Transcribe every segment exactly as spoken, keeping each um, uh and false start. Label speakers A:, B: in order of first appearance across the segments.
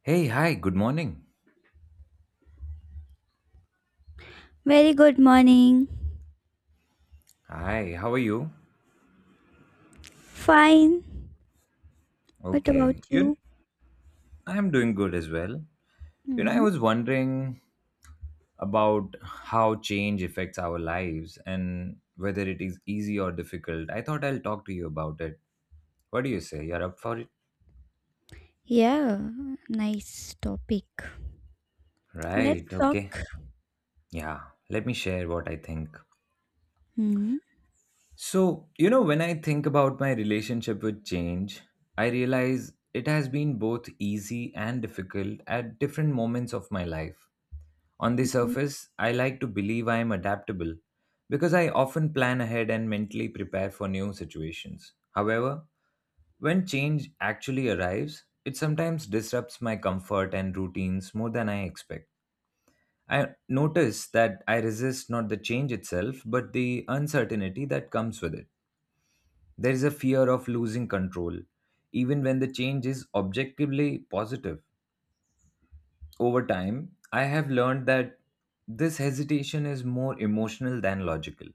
A: Hey, hi, good morning.
B: Very good morning.
A: Hi, how are you?
B: Fine. What about
A: Okay. You
B: you?
A: I'm doing good as well. You know, I
B: Hmm.
A: was wondering about how change affects our lives and whether it is easy or difficult. I thought I'll talk to you about it. What do you say? You're up for it?
B: Yeah, nice topic. Let's
A: Right,
B: talk.
A: okay. Yeah. Let me share what I think.
B: Hmm.
A: So, you know, when I think about my relationship with change, I realize it has been both easy and difficult at different moments of my life. On the surface, I like to believe I am adaptable because I often plan ahead and mentally prepare for new situations. However, when change actually arrives, it sometimes disrupts my comfort and routines more than I expect. I notice that I resist not the change itself, but the uncertainty that comes with it. There is a fear of losing control, even when the change is objectively positive. Over time, I have learned that this hesitation is more emotional than logical.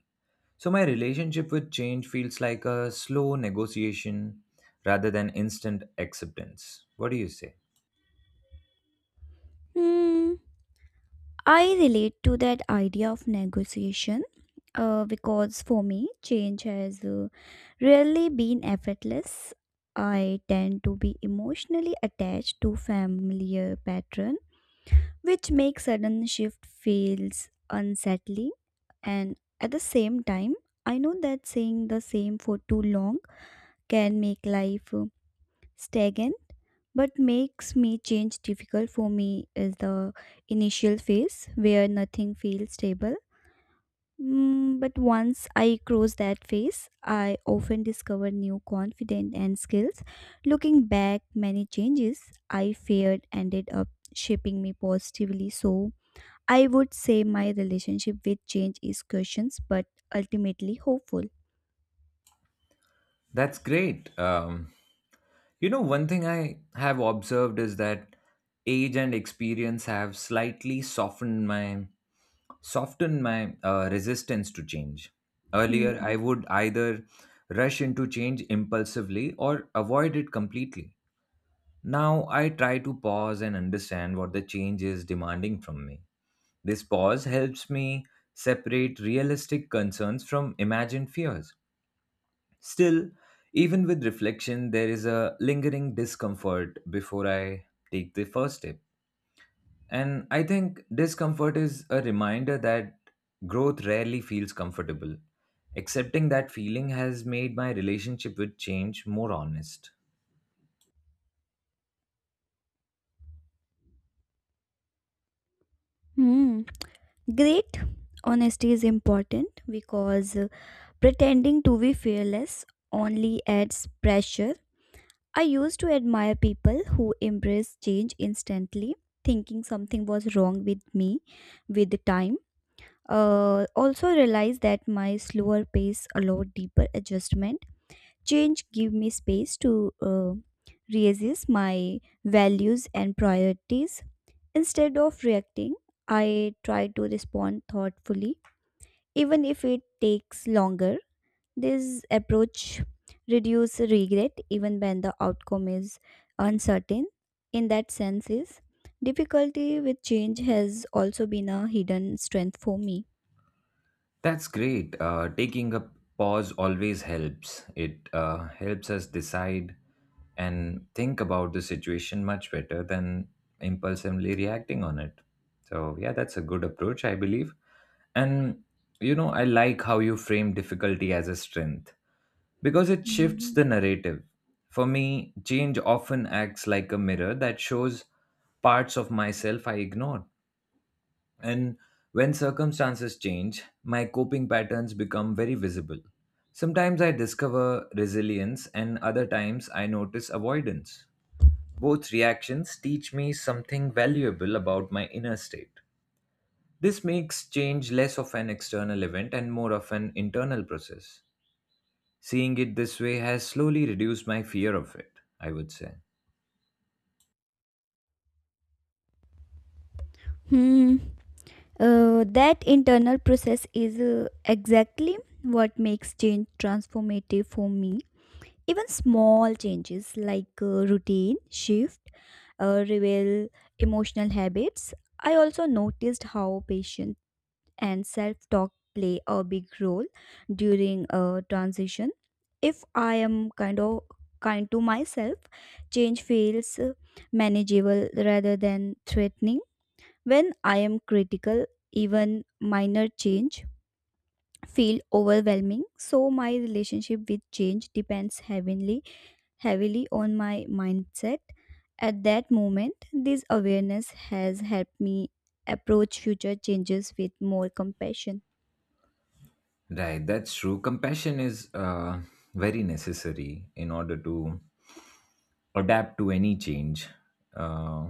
A: So my relationship with change feels like a slow negotiation rather than instant acceptance. What do you say?
B: Hmm. I relate to that idea of negotiation uh, because for me, change has uh, rarely been effortless. I tend to be emotionally attached to familiar pattern, which makes sudden shift feels unsettling. And at the same time, I know that saying the same for too long can make life uh, stagnant, but makes me change difficult for me is the initial phase where nothing feels stable. Mm, but once I cross that phase, I often discover new confidence and skills. Looking back, many changes I feared ended up shaping me positively. So, I would say my relationship with change is cautious but ultimately hopeful.
A: That's great. Um, you know, one thing I have observed is that age and experience have slightly softened my softened my uh, resistance to change. Earlier,
B: Hmm.
A: I would either rush into change impulsively or avoid it completely. Now I try to pause and understand what the change is demanding from me. This pause helps me separate realistic concerns from imagined fears. Still, even with reflection, there is a lingering discomfort before I take the first step. And I think discomfort is a reminder that growth rarely feels comfortable. Accepting that feeling has made my relationship with change more honest.
B: Hmm. Great. Honesty is important because uh, pretending to be fearless only adds pressure. I used to admire people who embrace change instantly, thinking something was wrong with me with the time. Uh, also realized that my slower pace allowed deeper adjustment. Change give me space to uh, reassess my values and priorities. Instead of reacting, I try to respond thoughtfully, even if it takes longer. This approach reduces regret even when the outcome is uncertain. In that sense, is difficulty with change has also been a hidden strength for me.
A: That's great. Uh, taking a pause always helps. It uh, helps us decide and think about the situation much better than impulsively reacting on it. So, yeah, that's a good approach, I believe. And, you know, I like how you frame difficulty as a strength because it shifts the narrative. For me, change often acts like a mirror that shows parts of myself I ignored. And when circumstances change, my coping patterns become very visible. Sometimes I discover resilience, and other times I notice avoidance. Both reactions teach me something valuable about my inner state. This makes change less of an external event and more of an internal process. Seeing it this way has slowly reduced my fear of it, I would say.
B: Hmm. Uh, that internal process is uh, exactly what makes change transformative for me. Even small changes like uh, routine shift uh, reveal emotional habits. I also noticed how patience and self talk play a big role during a transition. If I am kind of kind to myself, change feels uh, manageable rather than threatening when I am critical, even minor change feel overwhelming. So my relationship with change depends heavily heavily on my mindset. At that moment, this awareness has helped me approach future changes with more compassion.
A: Right, that's true. Compassion is uh, very necessary in order to adapt to any change, uh,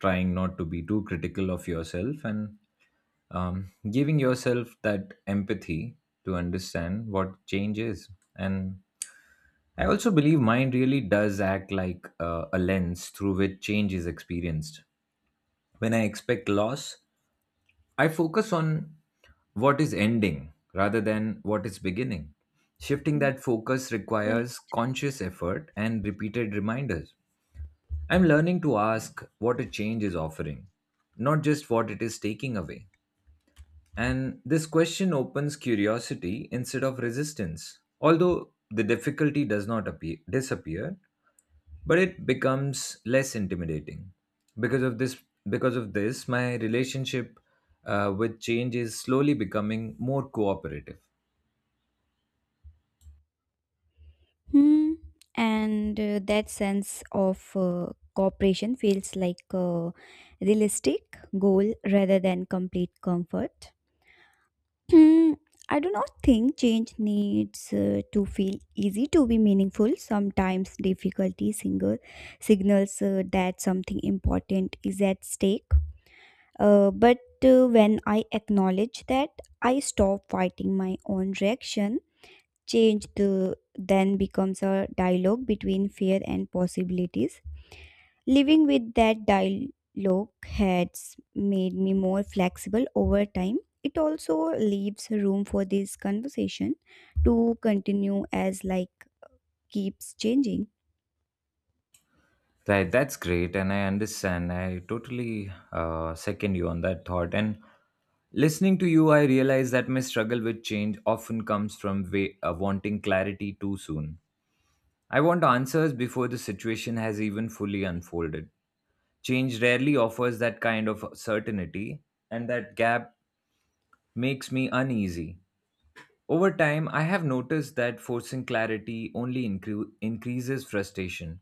A: trying not to be too critical of yourself, and um, giving yourself that empathy to understand what change is. And I also believe mind really does act like uh, a lens through which change is experienced. When I expect loss, I focus on what is ending rather than what is beginning. Shifting
B: Mm.
A: that focus
B: Right.
A: requires conscious effort and repeated reminders. I'm learning to ask what a change is offering, not just what it is taking away. And this question opens curiosity instead of resistance. Although the difficulty does not appear, disappear, but it becomes less intimidating. Because of this, because of this, my relationship uh, with change is slowly becoming more cooperative.
B: Hmm. And uh, that sense of uh, cooperation feels like a realistic goal rather than complete comfort. Hmm, I do not think change needs uh, to feel easy to be meaningful. Sometimes difficulty single signals uh, that something important is at stake. Uh, but uh, When I acknowledge that, I stop fighting my own reaction. Change the, then becomes a dialogue between fear and possibilities. Living with that dialogue has made me more flexible over time. It also leaves room for this conversation to continue as like keeps changing.
A: Right, that's great, and I understand. I totally uh, second you on that thought. And listening to you, I realize that my struggle with change often comes from wa- uh, wanting clarity too soon. I want answers before the situation has even fully unfolded. Change rarely offers that kind of certainty, and that gap makes me uneasy. Over time, I have noticed that forcing clarity only incre- increases frustration.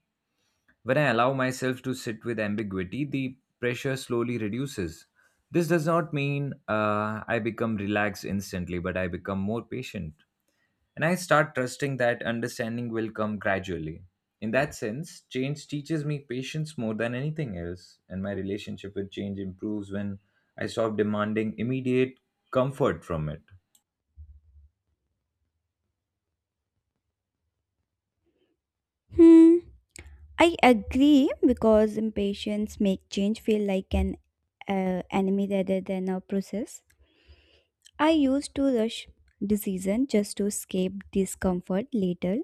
A: When I allow myself to sit with ambiguity, the pressure slowly reduces. This does not mean uh, I become relaxed instantly, but I become more patient. And I start trusting that understanding will come gradually. In that sense, change teaches me patience more than anything else. And my relationship with change improves when I stop demanding immediate comfort from it.
B: Hmm. I agree because impatience make change feel like an uh, enemy rather than a process. I used to rush decision just to escape discomfort later.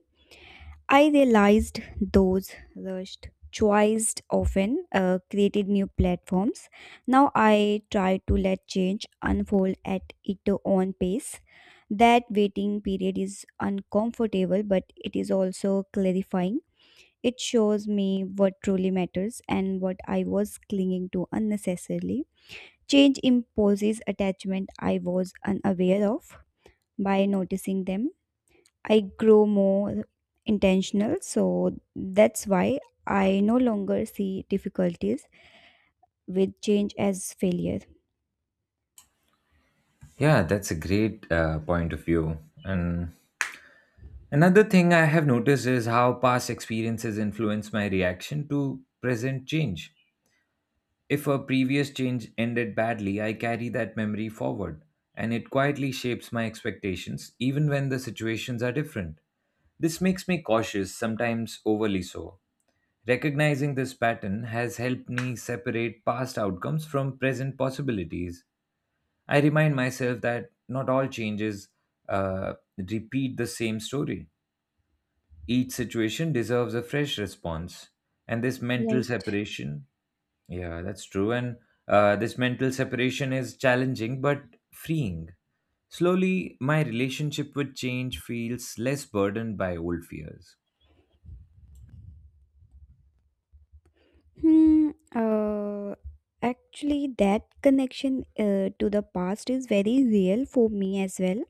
B: I realized those rushed choices often uh, created new platforms. Now I try to let change unfold at its own pace. That waiting period is uncomfortable, but it is also clarifying. It shows me what truly matters and what I was clinging to unnecessarily. Change imposes attachment I was unaware of by noticing them. I grow more intentional, so that's why I no longer see difficulties with change as failure.
A: Yeah, that's a great uh, point of view. And another thing I have noticed is how past experiences influence my reaction to present change. If a previous change ended badly, I carry that memory forward, and it quietly shapes my expectations even when the situations are different. This makes me cautious, sometimes overly so. Recognizing this pattern has helped me separate past outcomes from present possibilities. I remind myself that not all changes uh, repeat the same story. Each situation deserves a fresh response. And this mental separation, yeah, that's true. And uh, this mental separation is challenging but freeing. Slowly, my relationship with change feels less burdened by old fears.
B: Hmm. Uh, actually, that connection uh, to the past is very real for me as well.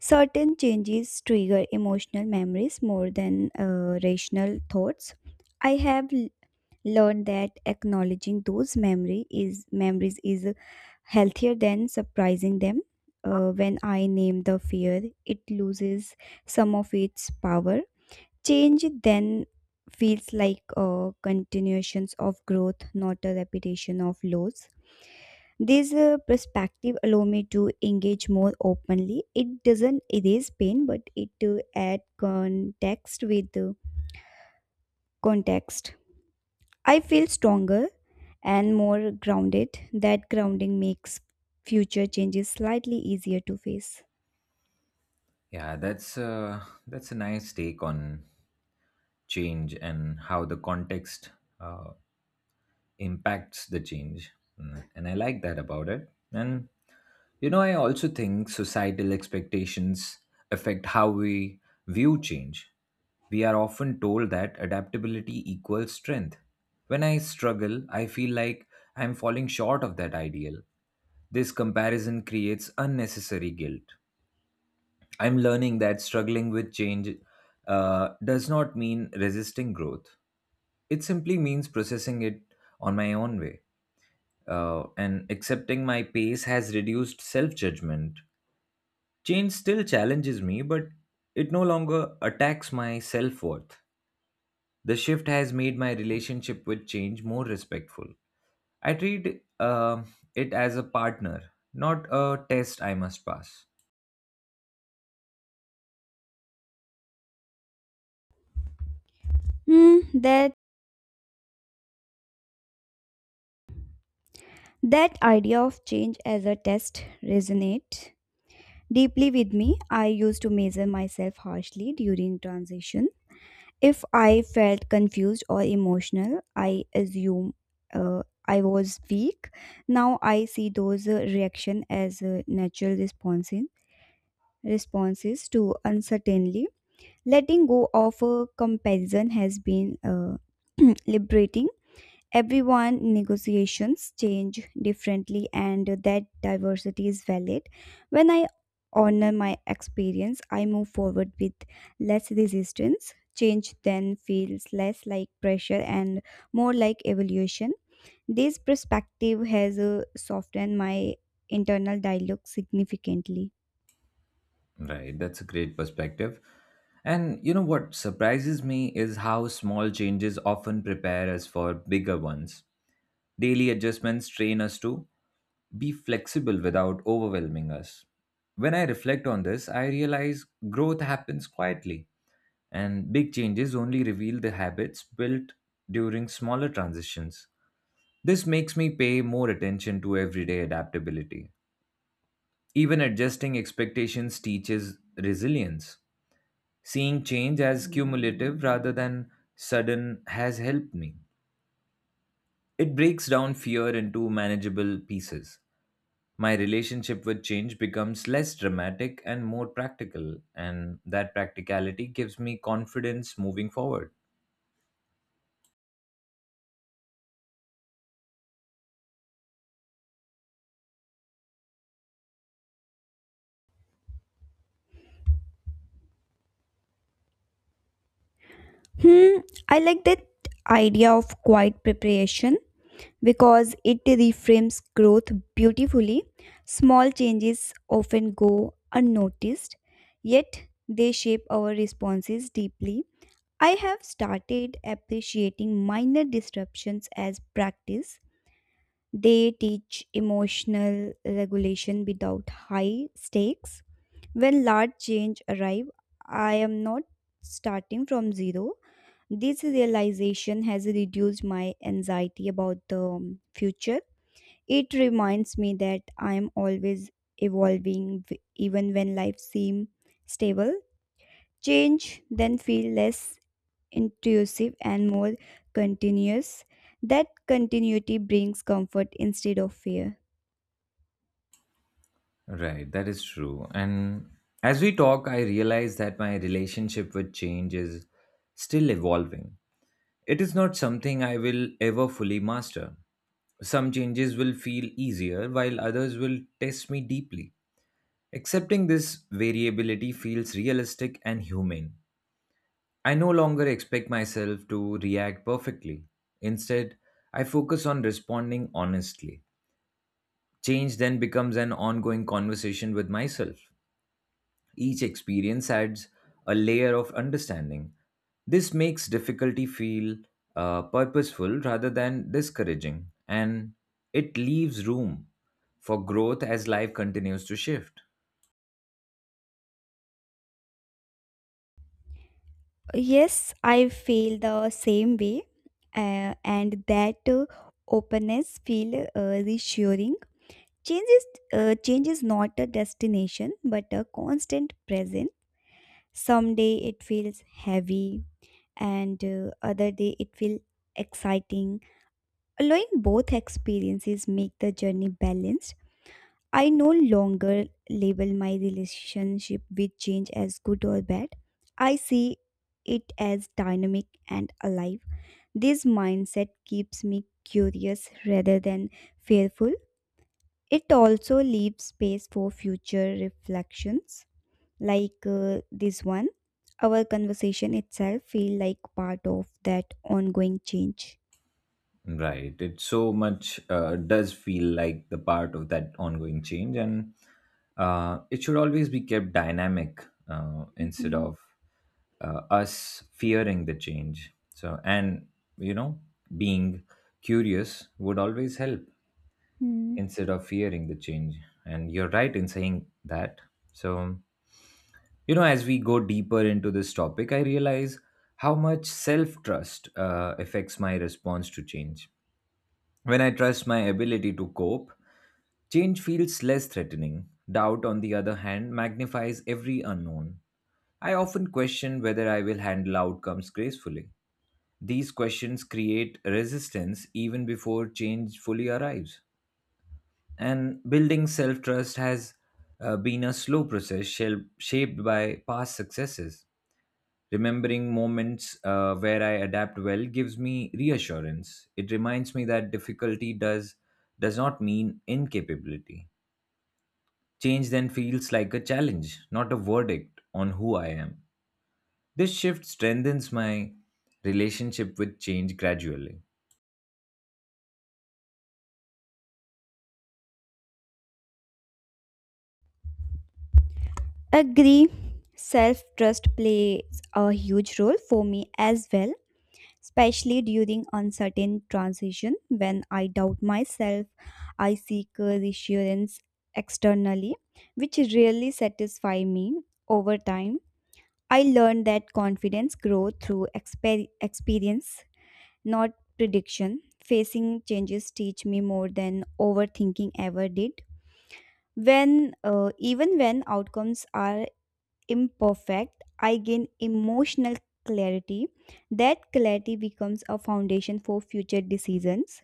B: Certain changes trigger emotional memories more than uh, rational thoughts. I have learned that acknowledging those memory is memories is healthier than surprising them. Uh, when I name the fear, it loses some of its power. Change then feels like a continuations of growth, not a repetition of loss. This uh, perspective allow me to engage more openly. It doesn't erase pain, but it uh, add context with uh, context. I feel stronger and more grounded. That grounding makes future changes slightly easier to face.
A: Yeah, that's uh, that's a nice take on change and how the context uh, impacts the change. Mm, and I like that about it. And you know, I also think societal expectations affect how we view change. We are often told that adaptability equals strength. When I struggle, I feel like I'm falling short of that ideal. This comparison creates unnecessary guilt. I'm learning that struggling with change uh, does not mean resisting growth. It simply means processing it on my own way, uh, and accepting my pace has reduced self judgment. Change still challenges me, but it no longer attacks my self worth. The shift has made my relationship with change more respectful. I treat uh, it as a partner, not a test I must pass.
B: Hmm, that that idea of change as a test resonate deeply with me. I used to measure myself harshly during transition. If I felt confused or emotional, I assume uh, I was weak. Now I see those uh, reaction as uh, natural responses responses to uncertainty. Letting go of a comparison has been uh, liberating. Everyone negotiations change differently, and that diversity is valid. When I honor my experience, I move forward with less resistance. Change then feels less like pressure and more like evolution. This perspective has uh, softened my internal dialogue significantly.
A: Right, that's a great perspective. And you know what surprises me is how small changes often prepare us for bigger ones. Daily adjustments train us to be flexible without overwhelming us. When I reflect on this, I realize growth happens quietly, and big changes only reveal the habits built during smaller transitions. This makes me pay more attention to everyday adaptability. Even adjusting expectations teaches resilience. Seeing change as cumulative rather than sudden has helped me. It breaks down fear into manageable pieces. My relationship with change becomes less dramatic and more practical, and that practicality gives me confidence moving forward.
B: Hmm, I like that idea of quiet preparation because it reframes growth beautifully. Small changes often go unnoticed, yet they shape our responses deeply. I have started appreciating minor disruptions as practice. They teach emotional regulation without high stakes. When large change arrive, I am not starting from zero. This realization has reduced my anxiety about the um, future. It reminds me that I am always evolving, w- even when life seems stable. Change then feel less intrusive and more continuous. That continuity brings comfort instead of fear.
A: Right, that is true. And as we talk, I realize that my relationship with change is still evolving. It is not something I will ever fully master. Some changes will feel easier, while others will test me deeply. Accepting this variability feels realistic and humane. I no longer expect myself to react perfectly. Instead, I focus on responding honestly. Change then becomes an ongoing conversation with myself. Each experience adds a layer of understanding. This makes difficulty feel uh, purposeful rather than discouraging, and it leaves room for growth as life continues to shift.
B: Yes, I feel the same way, uh, and that uh, openness feel uh, reassuring. Change is uh, change is not a destination, but a constant present. Someday it feels heavy, and uh, other day it will exciting, allowing both experiences make the journey balanced. I no longer label my relationship with change as good or bad. I see it as dynamic and alive. This mindset keeps me curious rather than fearful. It also leaves space for future reflections like uh, this one. Our conversation itself feel like part of that ongoing change.
A: Right. It so much uh, does feel like the part of that ongoing change, and uh, it should always be kept dynamic uh, instead
B: Mhm.
A: of uh, us fearing the change. So, and you know, being curious would always help
B: Hmm.
A: instead of fearing the change. And you're right in saying that. So, you know, as we go deeper into this topic, I realize how much self trust uh, affects my response to change. When I trust my ability to cope, change feels less threatening. Doubt, on the other hand, magnifies every unknown. I often question whether I will handle outcomes gracefully. These questions create resistance even before change fully arrives. And building self trust has uh, been a slow process shel- shaped by past successes. Remembering moments uh, where I adapt well gives me reassurance. It reminds me that difficulty does does not mean incapability. Change then feels like a challenge, not a verdict on who I am. This shift strengthens my relationship with change gradually.
B: Agree, self trust plays a huge role for me as well, especially during uncertain transition. When I doubt myself, I seek uh, reassurance externally, which really satisfy me. Over time, I learned that confidence grows through exper- experience, not prediction. Facing changes teach me more than overthinking ever did. When uh, Even when outcomes are imperfect, I gain emotional clarity. That clarity becomes a foundation for future decisions.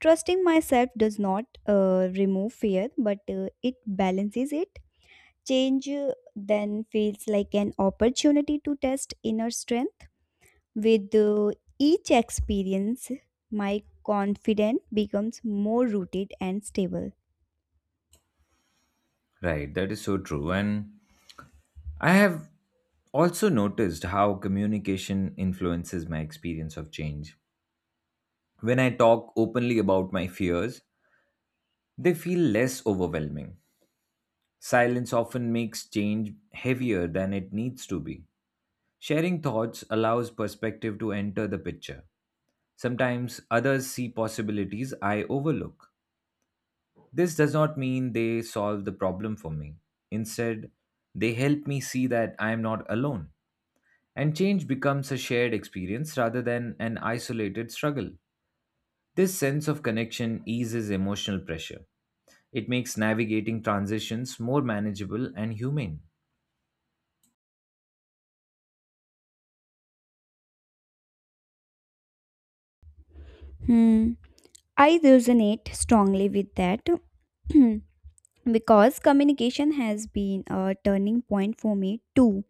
B: Trusting myself does not uh, remove fear, but uh, it balances it. Change uh, then feels like an opportunity to test inner strength. With uh, each experience, my confidence becomes more rooted and stable.
A: Right, that is so true. And I have also noticed how communication influences my experience of change. When I talk openly about my fears, they feel less overwhelming. Silence often makes change heavier than it needs to be. Sharing thoughts allows perspective to enter the picture. Sometimes others see possibilities I overlook. This does not mean they solve the problem for me. Instead, they help me see that I am not alone. And change becomes a shared experience rather than an isolated struggle. This sense of connection eases emotional pressure. It makes navigating transitions more manageable and humane.
B: Hmm. I resonate strongly with that because communication has been a turning point for me too.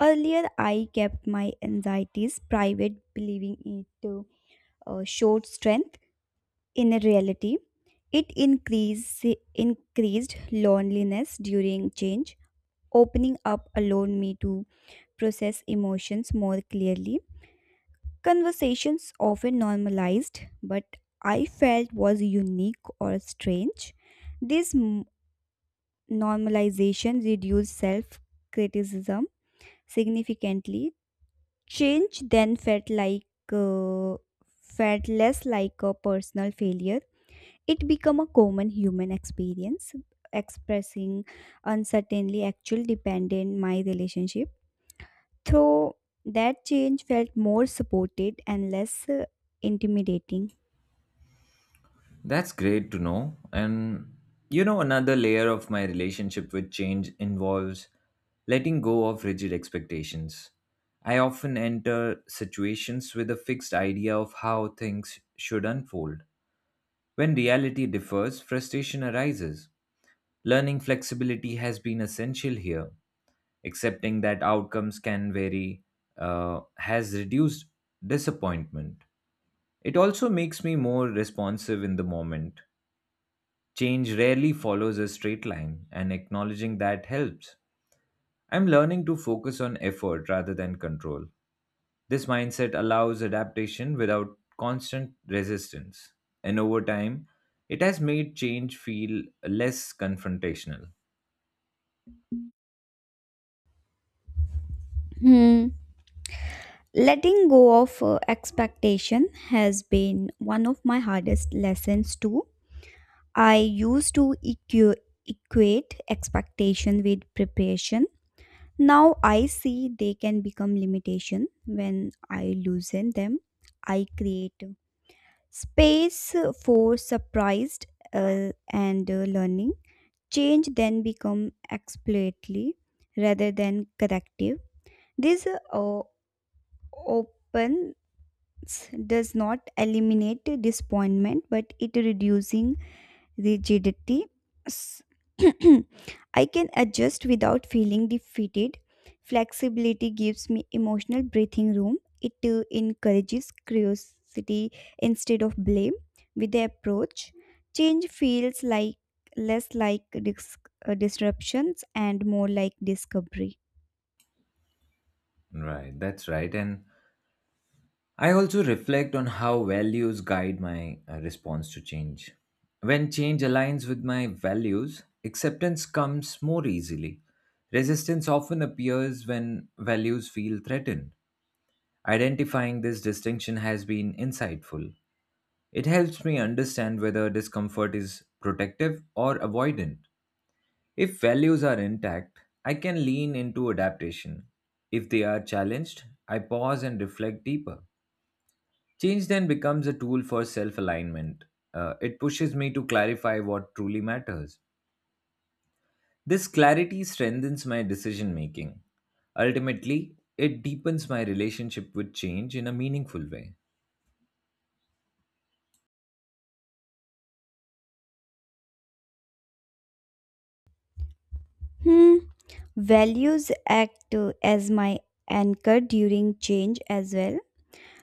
B: Earlier, I kept my anxieties private, believing it to uh, showed strength. In reality, it increase, increased loneliness during change. Opening up allowed me to process emotions more clearly. Conversations often normalized, but I felt was unique or strange. This m- normalization reduced self criticism significantly. Change then felt like uh, felt less like a personal failure. It became a common human experience, expressing uncertainly actually depended my relationship. Though that change felt more supported and less uh, intimidating.
A: That's great to know. And you know, another layer of my relationship with change involves letting go of rigid expectations. I often enter situations with a fixed idea of how things should unfold. When reality differs, frustration arises. Learning flexibility has been essential here. Accepting that outcomes can vary uh, has reduced disappointment. It also makes me more responsive in the moment. Change rarely follows a straight line, and acknowledging that helps. I'm learning to focus on effort rather than control. This mindset allows adaptation without constant resistance, and over time, it has made change feel less confrontational.
B: Hmm. Letting go of uh, expectation has been one of my hardest lessons too. I used to equ- equate expectation with preparation. Now I see they can become limitation when I loosen them. I create space for surprised uh, and uh, learning. Change then become exploratory rather than corrective. This uh, opens does not eliminate disappointment, but it reducing rigidity. S- I can adjust without feeling defeated. Flexibility gives me emotional breathing room. It uh, encourages curiosity instead of blame. With the approach, change feels like less like dis- uh, disruptions and more like discovery.
A: Right, that's right. And I also reflect on how values guide my uh, response to change. When change aligns with my values, acceptance comes more easily. Resistance often appears when values feel threatened. Identifying this distinction has been insightful. It helps me understand whether discomfort is protective or avoidant. If values are intact, I can lean into adaptation. If they are challenged, I pause and reflect deeper. Change then becomes a tool for self alignment. Uh, it pushes me to clarify what truly matters. This clarity strengthens my decision making. Ultimately, it deepens my relationship with change in a meaningful way.
B: Hmm. Values act uh, as my anchor during change as well.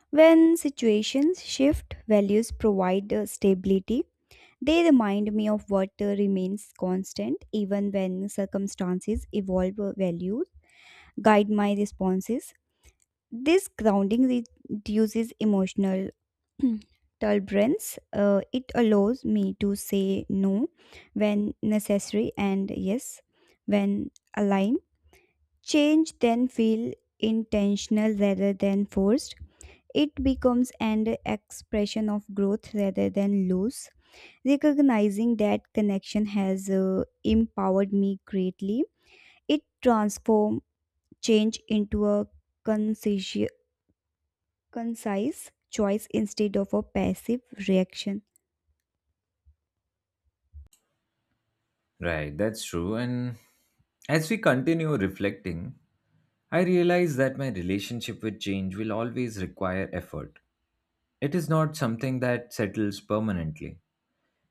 B: When situations shift, values provide uh, stability. They remind me of what uh, remains constant even when circumstances evolve uh, values, guide my responses. This grounding re- reduces emotional turbulence. Uh, it allows me to say no when necessary and yes when aligned. Change then feel intentional rather than forced. It becomes an expression of growth rather than loss. Recognizing that connection has uh, empowered me greatly. It transformed change into a concise, concise choice instead of a passive reaction.
A: Right, that's true. And as we continue reflecting, I realize that my relationship with change will always require effort. It is not something that settles permanently.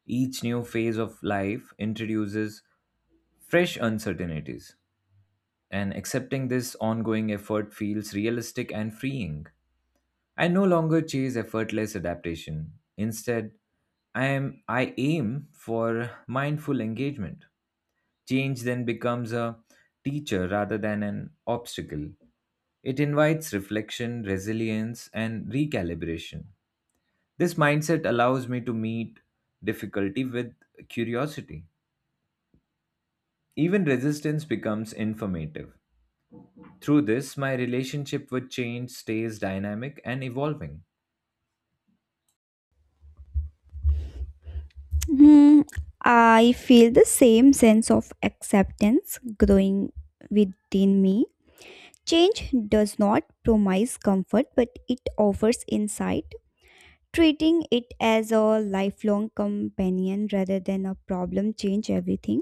A: Each new phase of life introduces fresh uncertainties, and accepting this ongoing effort feels realistic and freeing. I no longer chase effortless adaptation. Instead, I am I aim for mindful engagement. Change then becomes a teacher rather than an obstacle. It invites reflection, resilience, and recalibration. This mindset allows me to meet difficulty with curiosity. Even resistance becomes informative. Through this, my relationship with change stays dynamic and evolving.
B: Hmm, I feel the same sense of acceptance growing within me. Change does not promise comfort, but it offers insight, treating it as a lifelong companion rather than a problem change everything.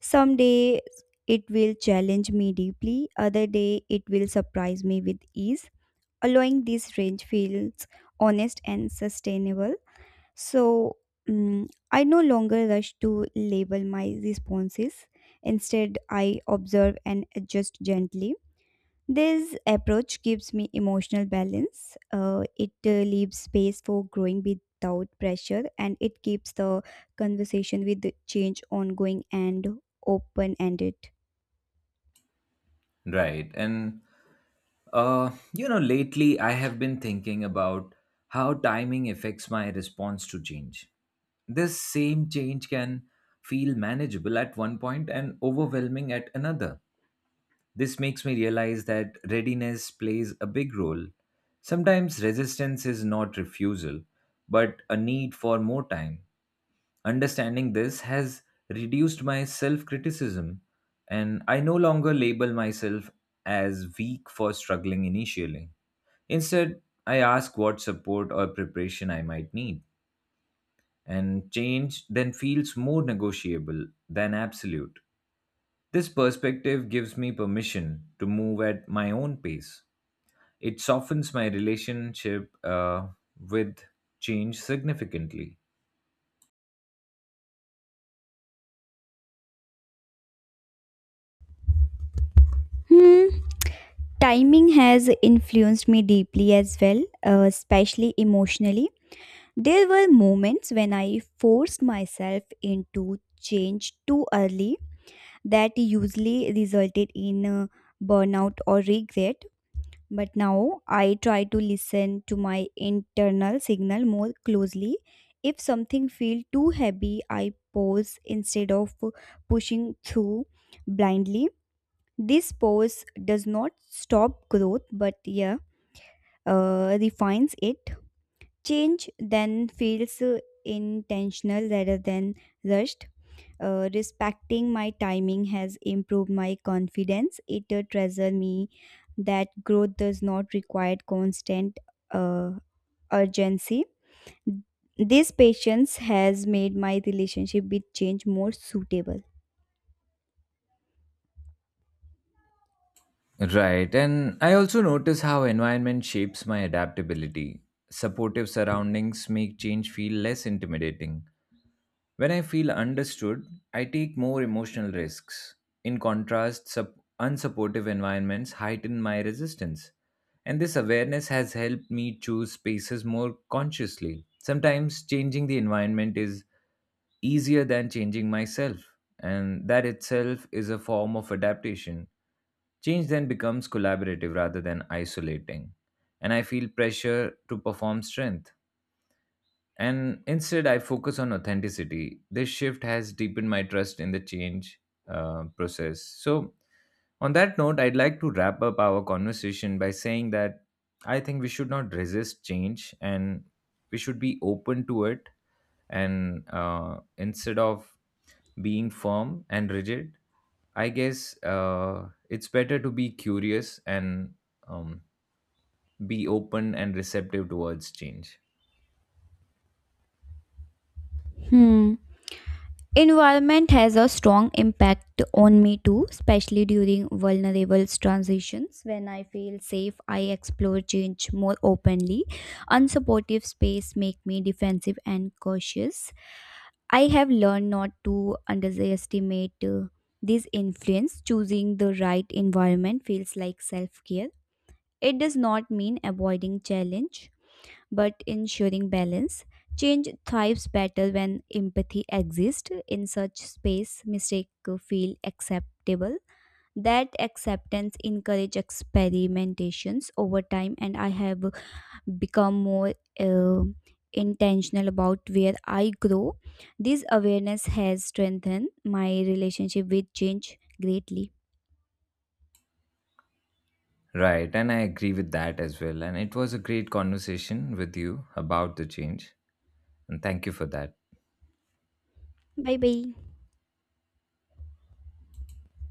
B: Some day it will challenge me deeply, other day it will surprise me with ease. Allowing this range feels honest and sustainable. So, mm, I no longer rush to label my responses. Instead, I observe and adjust gently. This approach gives me emotional balance. Uh, it uh, leaves space for growing without pressure, and it keeps the conversation with the change ongoing and open ended.
A: Right. And, uh, you know, lately I have been thinking about how timing affects my response to change. This same change can feel manageable at one point and overwhelming at another. This makes me realize that readiness plays a big role. Sometimes resistance is not refusal, but a need for more time. Understanding this has reduced my self criticism, and I no longer label myself as weak for struggling initially. Instead, I ask what support or preparation I might need, and change then feels more negotiable than absolute. This perspective gives me permission to move at my own pace. It softens my relationship uh, with change significantly.
B: Hmm, timing has influenced me deeply as well, uh, especially emotionally. There were moments when I forced myself into change too early. That usually resulted in uh, burnout or regret. But now I try to listen to my internal signal more closely. If something feels too heavy, I pause instead of pushing through blindly. This pause does not stop growth, but yeah, uh, refines it. Change then feels uh, intentional rather than rushed. Uh, respecting my timing has improved my confidence. It uh, treasure me that growth does not require constant uh, urgency. This patience has made my relationship with change more suitable.
A: Right. And I also notice how environment shapes my adaptability. Supportive surroundings make change feel less intimidating. When I feel understood, I take more emotional risks. In contrast, sup- unsupportive environments heighten my resistance. And this awareness has helped me choose spaces more consciously. Sometimes changing the environment is easier than changing myself, and that itself is a form of adaptation. Change then becomes collaborative rather than isolating. And I feel pressure to perform strength, and instead I focus on authenticity. This shift has deepened my trust in the change uh, process. So on that note, I'd like to wrap up our conversation by saying that I think we should not resist change and we should be open to it, and uh, instead of being firm and rigid, I guess uh, it's better to be curious and um, be open and receptive towards change.
B: Hmm. Environment has a strong impact on me too, especially during vulnerable transitions. When I feel safe, I explore change more openly. Unsupportive space make me defensive and cautious. I have learned not to underestimate uh, this influence. Choosing the right environment feels like self care. It does not mean avoiding challenge, but ensuring balance. Change thrives better when empathy exists. In such space, mistakes feel acceptable. That acceptance encourages experimentations over time, and I have become more uh, intentional about where I grow. This awareness has strengthened my relationship with change greatly.
A: Right, and I agree with that as well. And it was a great conversation with you about the change. And thank you for that.
B: Bye bye.